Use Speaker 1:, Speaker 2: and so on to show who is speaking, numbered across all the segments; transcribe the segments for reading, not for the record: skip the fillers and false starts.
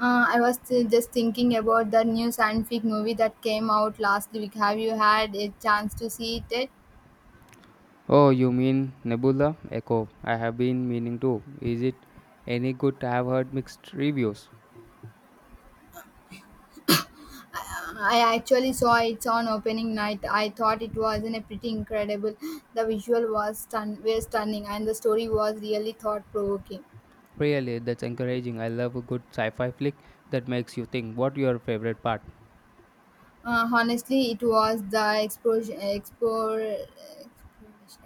Speaker 1: I was just thinking about that new science fiction movie that came out last week. Have you had a chance to see it yet?
Speaker 2: Oh, you mean Nebula Echo? I have been meaning to. Is it any good? I have heard mixed reviews.
Speaker 1: I actually saw it on opening night. I thought it was in a pretty incredible. The visual was were stunning, and the story was really thought provoking.
Speaker 2: Really, that's encouraging. I love a good sci fi flick that makes you think. What your favorite part?
Speaker 1: Honestly, it was the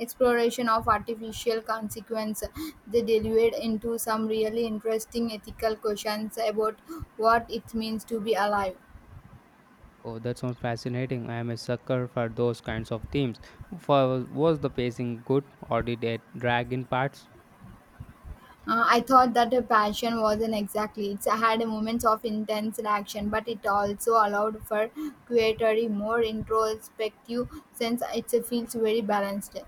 Speaker 1: exploration of artificial consequence. They delved into some really interesting ethical questions about what it means to be alive.
Speaker 2: Oh, that sounds fascinating. I am a sucker for those kinds of themes. For, was the pacing good or did it drag in parts?
Speaker 1: I thought that her passion wasn't exactly. It had moments of intense action, but it also allowed for creativity, more introspective since it feels very balanced.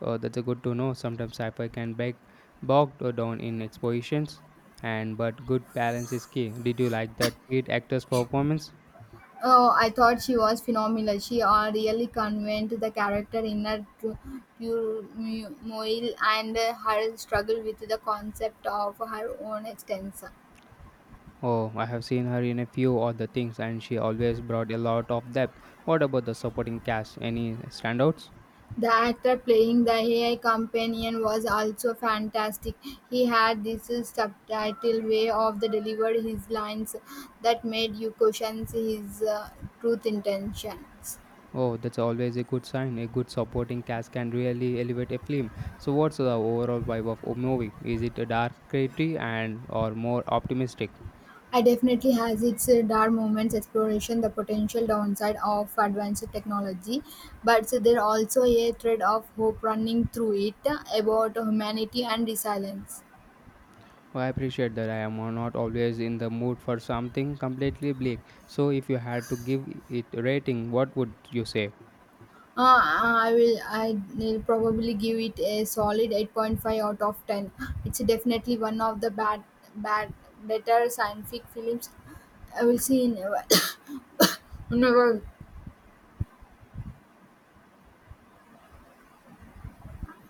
Speaker 2: Oh, that's a good to know. Sometimes sci fi can be bogged down in expositions, and but good balance is key. Did you like that lead actor's performance?
Speaker 1: Oh, I thought she was phenomenal. She really conveyed the character in her turmoil and her struggle with the concept of her own existence.
Speaker 2: Oh, I have seen her in a few other things and she always brought a lot of depth. What about the supporting cast? Any standouts?
Speaker 1: The actor playing the AI companion was also fantastic. He had this subtle way of the delivered his lines that made you question his truth intentions.
Speaker 2: Oh, that's always a good sign. A good supporting cast can really elevate a film. So what's the overall vibe of a movie? Is it a dark gritty, and or more optimistic?
Speaker 1: I definitely has its dark moments exploration the potential downside of advanced technology but so there also a thread of hope running through it about humanity and resilience.
Speaker 2: Oh, I appreciate that I am not always in the mood for something completely bleak. So if you had to give it a rating, what would you say?
Speaker 1: Uh, I will. I'll probably give it a solid 8.5 out of 10. It's definitely one of the bad, better scientific films I will see in a while. Never.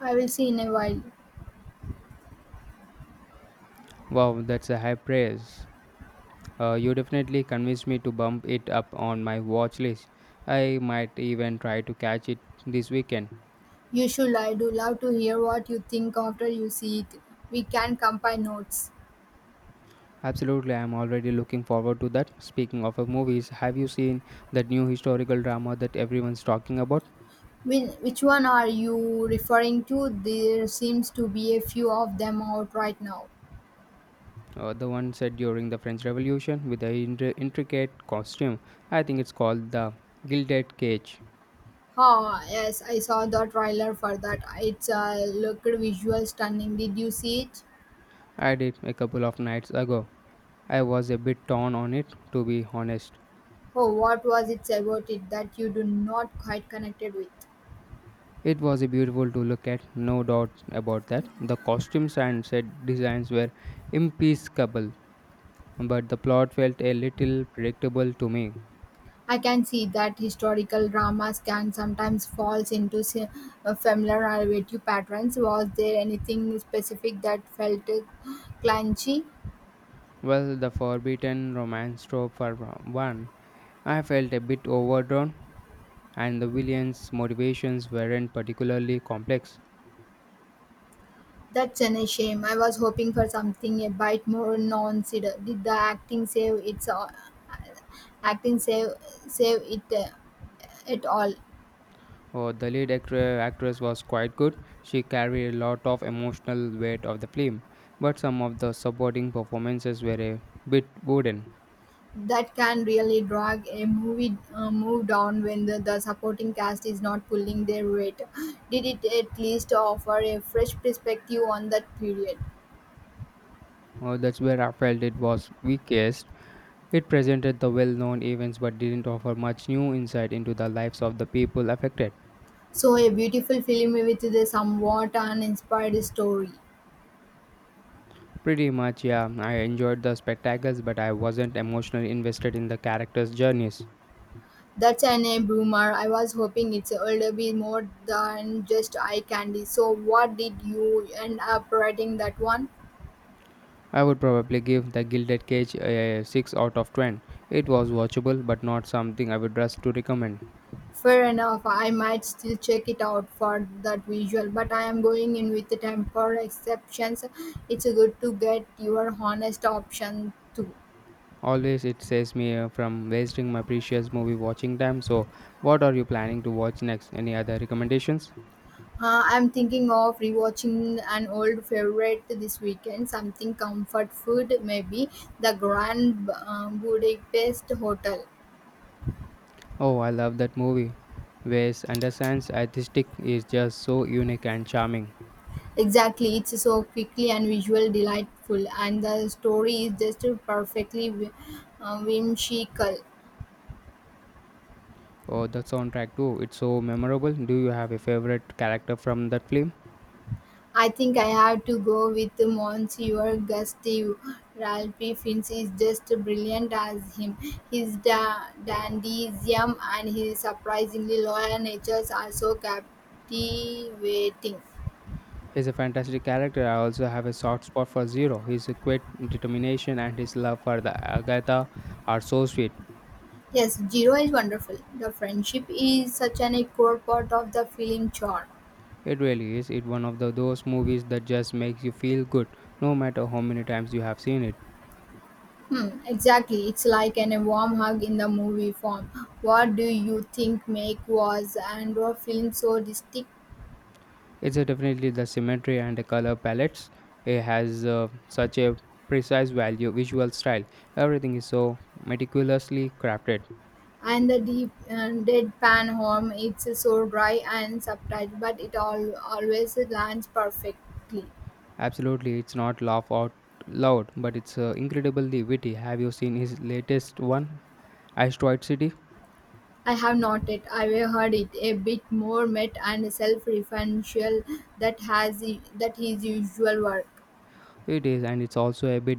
Speaker 1: I will see in a while.
Speaker 2: Wow, that's a high praise. You definitely convinced me to bump it up on my watch list. I might even try to catch it this weekend.
Speaker 1: You should. I do love to hear what you think after you see it. We can compare notes.
Speaker 2: Absolutely, I'm already looking forward to that. Speaking of movies, have you seen that new historical drama that everyone's talking about?
Speaker 1: Which one are you referring to? There seems to be a few of them out right now.
Speaker 2: The one set during the French Revolution with the intricate costume. I think it's called The Gilded Cage.
Speaker 1: Ah, yes, I saw the trailer for that. It's looked visual stunning. Did you see it?
Speaker 2: I did a couple of nights ago. I was a bit torn on it, to be honest.
Speaker 1: Oh, what was it about it that you do not quite connected with?
Speaker 2: It was a beautiful to look at, no doubt about that. The costumes and set designs were impeccable, but the plot felt a little predictable to me.
Speaker 1: I can see that historical dramas can sometimes falls into familiar narrative patterns. Was there anything specific that felt clunky?
Speaker 2: Well, the forbidden romance trope for one, I felt a bit overdrawn, and the villain's motivations weren't particularly complex.
Speaker 1: That's an a shame. I was hoping for something a bit more non-sided. Did the acting save its acting save save it at all?
Speaker 2: Oh, the lead actress was quite good. She carried a lot of emotional weight of the film, but some of the supporting performances were a bit wooden.
Speaker 1: That can really drag a movie move down when the supporting cast is not pulling their weight. Did it at least offer a fresh perspective on that period?
Speaker 2: That's where I felt it was weakest. It presented the well known events but didn't offer much new insight into the lives of the people affected.
Speaker 1: So, a beautiful film with a somewhat uninspired story.
Speaker 2: Pretty much, yeah, I enjoyed the spectacles but I wasn't emotionally invested in the characters' journeys.
Speaker 1: That's an a boomer. I was hoping it's a little bit more than just eye candy. So, what did you end up writing that one?
Speaker 2: I would probably give The Gilded Cage a 6 out of 10. It was watchable but not something I would rush to recommend.
Speaker 1: Fair enough, I might still check it out for that visual, but I am going in with the temper exceptions. It's good to get your honest option too.
Speaker 2: Always it saves me from wasting my precious movie watching time. So, what are you planning to watch next? Any other recommendations?
Speaker 1: I'm thinking of rewatching an old favorite this weekend, something comfort food, maybe the Grand Budapest Hotel.
Speaker 2: Oh, I love that movie. Wes Anderson's aesthetic is just so unique and charming.
Speaker 1: Exactly, it's so quickly and visual delightful, and the story is just perfectly whimsical.
Speaker 2: Oh, the soundtrack too. It's so memorable. Do you have a favorite character from that film?
Speaker 1: I think I have to go with Monsieur Gustave. Ralph Fiennes is just brilliant as him. His dandyism and his surprisingly loyal natures are so captivating.
Speaker 2: He's a fantastic character. I also have a soft spot for Zero. His quick determination and his love for the Agatha are so sweet.
Speaker 1: Yes, Zero is wonderful. The friendship is such an a core part of the film charm.
Speaker 2: It really is. It's one of those movies that just makes you feel good, no matter how many times you have seen it.
Speaker 1: Hmm, exactly. It's like an, a warm hug in the movie form. What do you think make was Andor film so distinct?
Speaker 2: It's definitely the symmetry and the color palettes. It has such a precise visual style. Everything is so meticulously crafted.
Speaker 1: And the deep deadpan home, it's so dry and subtle, but it all always lands perfectly.
Speaker 2: Absolutely, it's not laugh out loud, but it's incredibly witty. Have you seen his latest one, Asteroid City?
Speaker 1: I have noted, I've heard it a bit more met and self-referential that has that his usual work.
Speaker 2: It is, and it's also a bit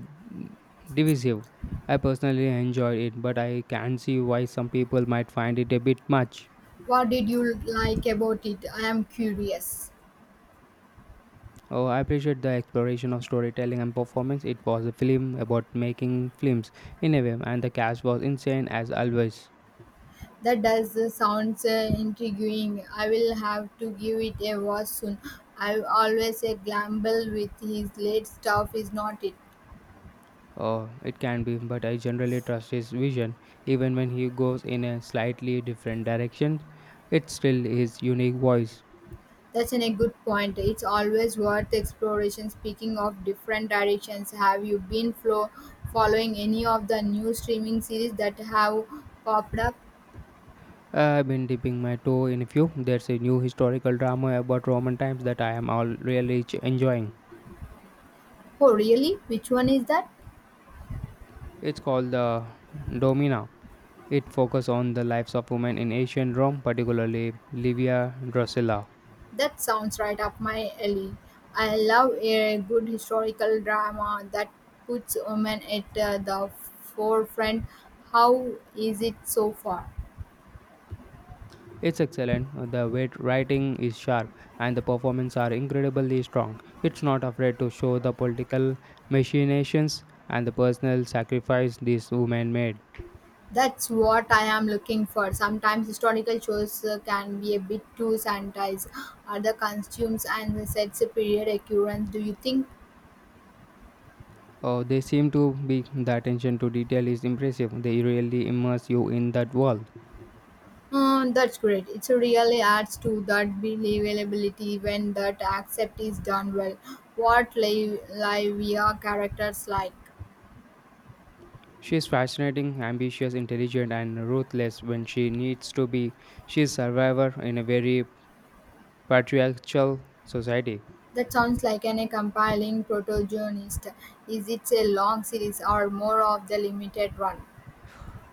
Speaker 2: divisive. I personally enjoyed it, but I can see why some people might find it a bit much.
Speaker 1: What did you like about it? I am curious.
Speaker 2: Oh, I appreciate the exploration of storytelling and performance. It was a film about making films in a way, and the cast was insane as always.
Speaker 1: That does sounds intriguing. I will have to give it a watch soon. I always a gamble with his late stuff, is not it?
Speaker 2: Oh, it can be, but I generally trust his vision. Even when he goes in a slightly different direction, it's still his unique voice.
Speaker 1: That's an a good point. It's always worth exploration. Speaking of different directions, have you been flow following any of the new streaming series that have popped up?
Speaker 2: I've been dipping my toe in a few. There's a new historical drama about Roman times that I am all really enjoying.
Speaker 1: Oh, really? Which one is that?
Speaker 2: It's called the Domina. It focuses on the lives of women in ancient Rome, particularly Livia Drusilla.
Speaker 1: That sounds right up my alley. I love a good historical drama that puts women at the forefront. How is it so far?
Speaker 2: It's excellent, the writing is sharp, and the performances are incredibly strong. It's not afraid to show the political machinations and the personal sacrifice these women made.
Speaker 1: That's what I am looking for. Sometimes historical shows can be a bit too sanitized. Are the costumes and sets a period accurate? Do you think?
Speaker 2: Oh, they seem to be the attention to detail is impressive. They really immerse you in that world.
Speaker 1: Mm, that's great. It really adds to that believability when that accept is done well. What live Livia characters like?
Speaker 2: She's fascinating, ambitious, intelligent, and ruthless when she needs to be. She's a survivor in a very patriarchal society.
Speaker 1: That sounds like an a compiling protagonist. Is it a long series or more of the limited run?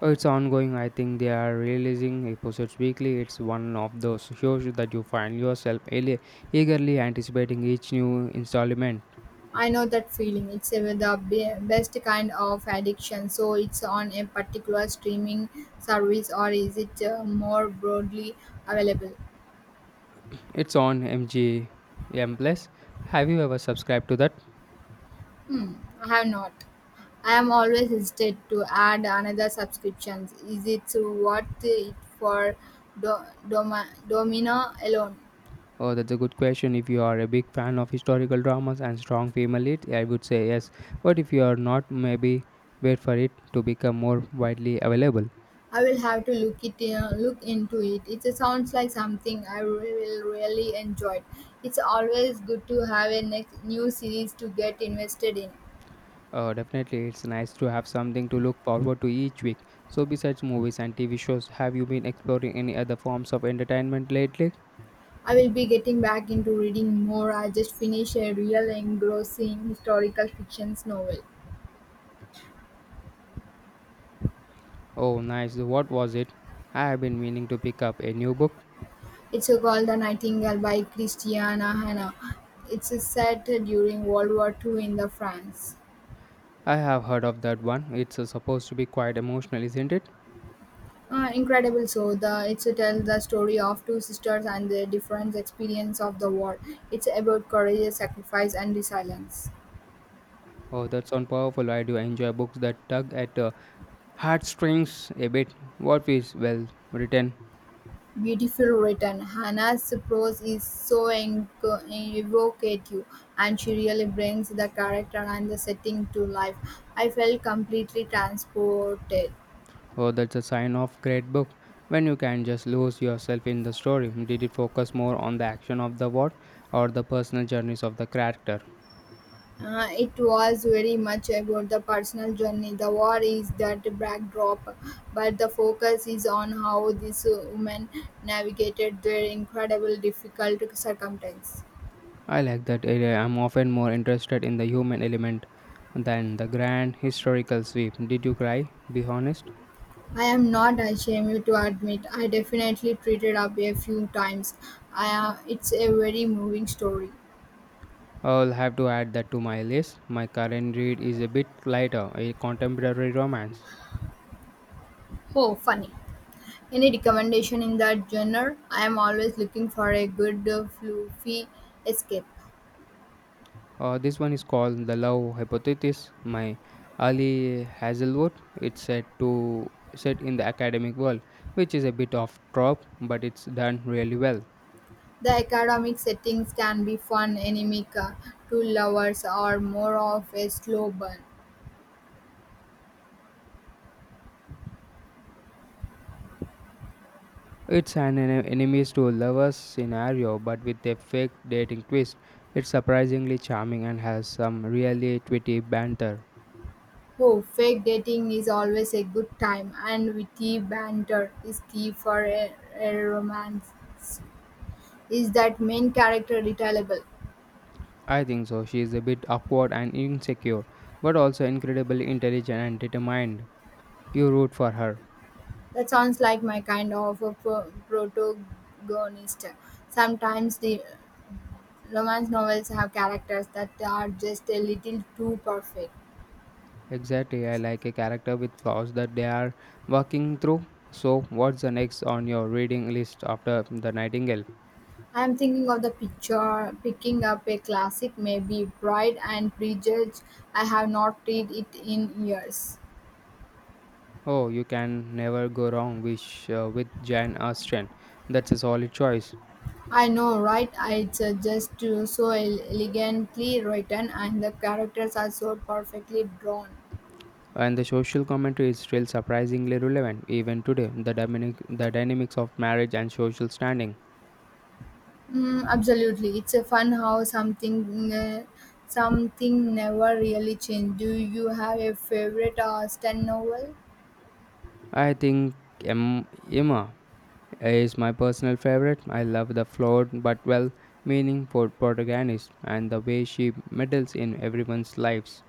Speaker 2: Oh, it's ongoing. I think they are releasing episodes weekly. It's one of those shows that you find yourself eagerly anticipating each new installment.
Speaker 1: I know that feeling. It's the best kind of addiction. So it's on a particular streaming service, or is it more broadly available?
Speaker 2: It's on MGM Plus. Have you ever subscribed to that?
Speaker 1: Hmm, I have not. I am always hesitant to add another subscriptions. Is it worth it for Domino alone?
Speaker 2: Oh, that's a good question. If you are a big fan of historical dramas and strong female leads, I would say yes. But if you are not, maybe wait for it to become more widely available.
Speaker 1: I will have to look into it. It sounds like something I will really enjoy. It's always good to have a next new series to get invested in.
Speaker 2: Definitely, it's nice to have something to look forward to each week. So, besides movies and TV shows, have you been exploring any other forms of entertainment lately?
Speaker 1: I will be getting back into reading more. I just finished a real engrossing historical fiction novel.
Speaker 2: Oh, nice. What was it? I have been meaning to pick up a new book.
Speaker 1: It's called The Nightingale by Christiana Hanna. It's set during World War II in the France.
Speaker 2: I have heard of that one. It's supposed to be quite emotional, isn't it?
Speaker 1: Incredible so the it tells the story of two sisters and their different experience of the war. It's about courage, sacrifice and resilience.
Speaker 2: Oh, that sounds powerful. I do enjoy books that tug at heartstrings a bit. What is well written?
Speaker 1: Beautifully written, Hannah's prose is so evocative, and she really brings the character and the setting to life. I felt completely transported.
Speaker 2: Oh, that's a sign of great book. When you can just lose yourself in the story, did it focus more on the action of the war or the personal journeys of the character?
Speaker 1: It was very much about the personal journey. The war is that backdrop, but the focus is on how these women navigated their incredible difficult circumstances.
Speaker 2: I like that area. I'm often more interested in the human element than the grand historical sweep. Did you cry? Be honest.
Speaker 1: I am not ashamed to admit I definitely treated up a few times. It's a very moving story.
Speaker 2: I'll have to add that to my list. My current read is a bit lighter, a contemporary romance.
Speaker 1: Oh, funny. Any recommendation in that genre? I am always looking for a good, fluffy escape.
Speaker 2: This one is called the love hypothesis. My Ali Hazelwood. It's set in the academic world, which is a bit of trope, but it's done really well.
Speaker 1: The academic settings can be fun, anemic, to lovers, or more of a slow burn.
Speaker 2: It's an enemies to lovers scenario, but with a fake dating twist. It's surprisingly charming and has some really witty banter.
Speaker 1: Oh, fake dating is always a good time, and witty banter is key for a romance. Is that main character retailable?
Speaker 2: I think so. She is a bit awkward and insecure, but also incredibly intelligent and determined. You root for her.
Speaker 1: That sounds like my kind of a protagonist. Sometimes the romance novels have characters that are just a little too perfect.
Speaker 2: Exactly, I like a character with flaws that they are working through. So, what's the next on your reading list after The Nightingale?
Speaker 1: I am thinking of the picture picking up a classic, maybe Pride and Prejudice. I have not read it in years.
Speaker 2: Oh, you can never go wrong with Jan Austen. That's a solid choice.
Speaker 1: I know, right? It's just so elegantly written, and the characters are so perfectly drawn.
Speaker 2: And the social commentary is still surprisingly relevant even today. The dynamics of marriage and social standing.
Speaker 1: Mm, absolutely, it's a fun how something never really changed. Do you have a favorite Austen novel?
Speaker 2: I think Em- Emma is my personal favorite. I love the flawed but well meaning for protagonist and the way she meddles in everyone's lives.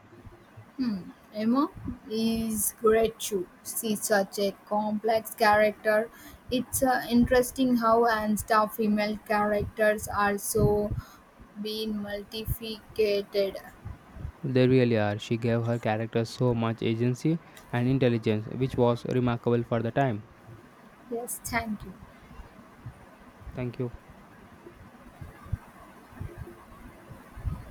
Speaker 1: Hmm, Emma is great too. She's such a complex character. It's interesting how and stuff female characters are so being multiplicated.
Speaker 2: They really are. She gave her character so much agency and intelligence, which was remarkable for the time.
Speaker 1: Yes, thank you.
Speaker 2: Thank you.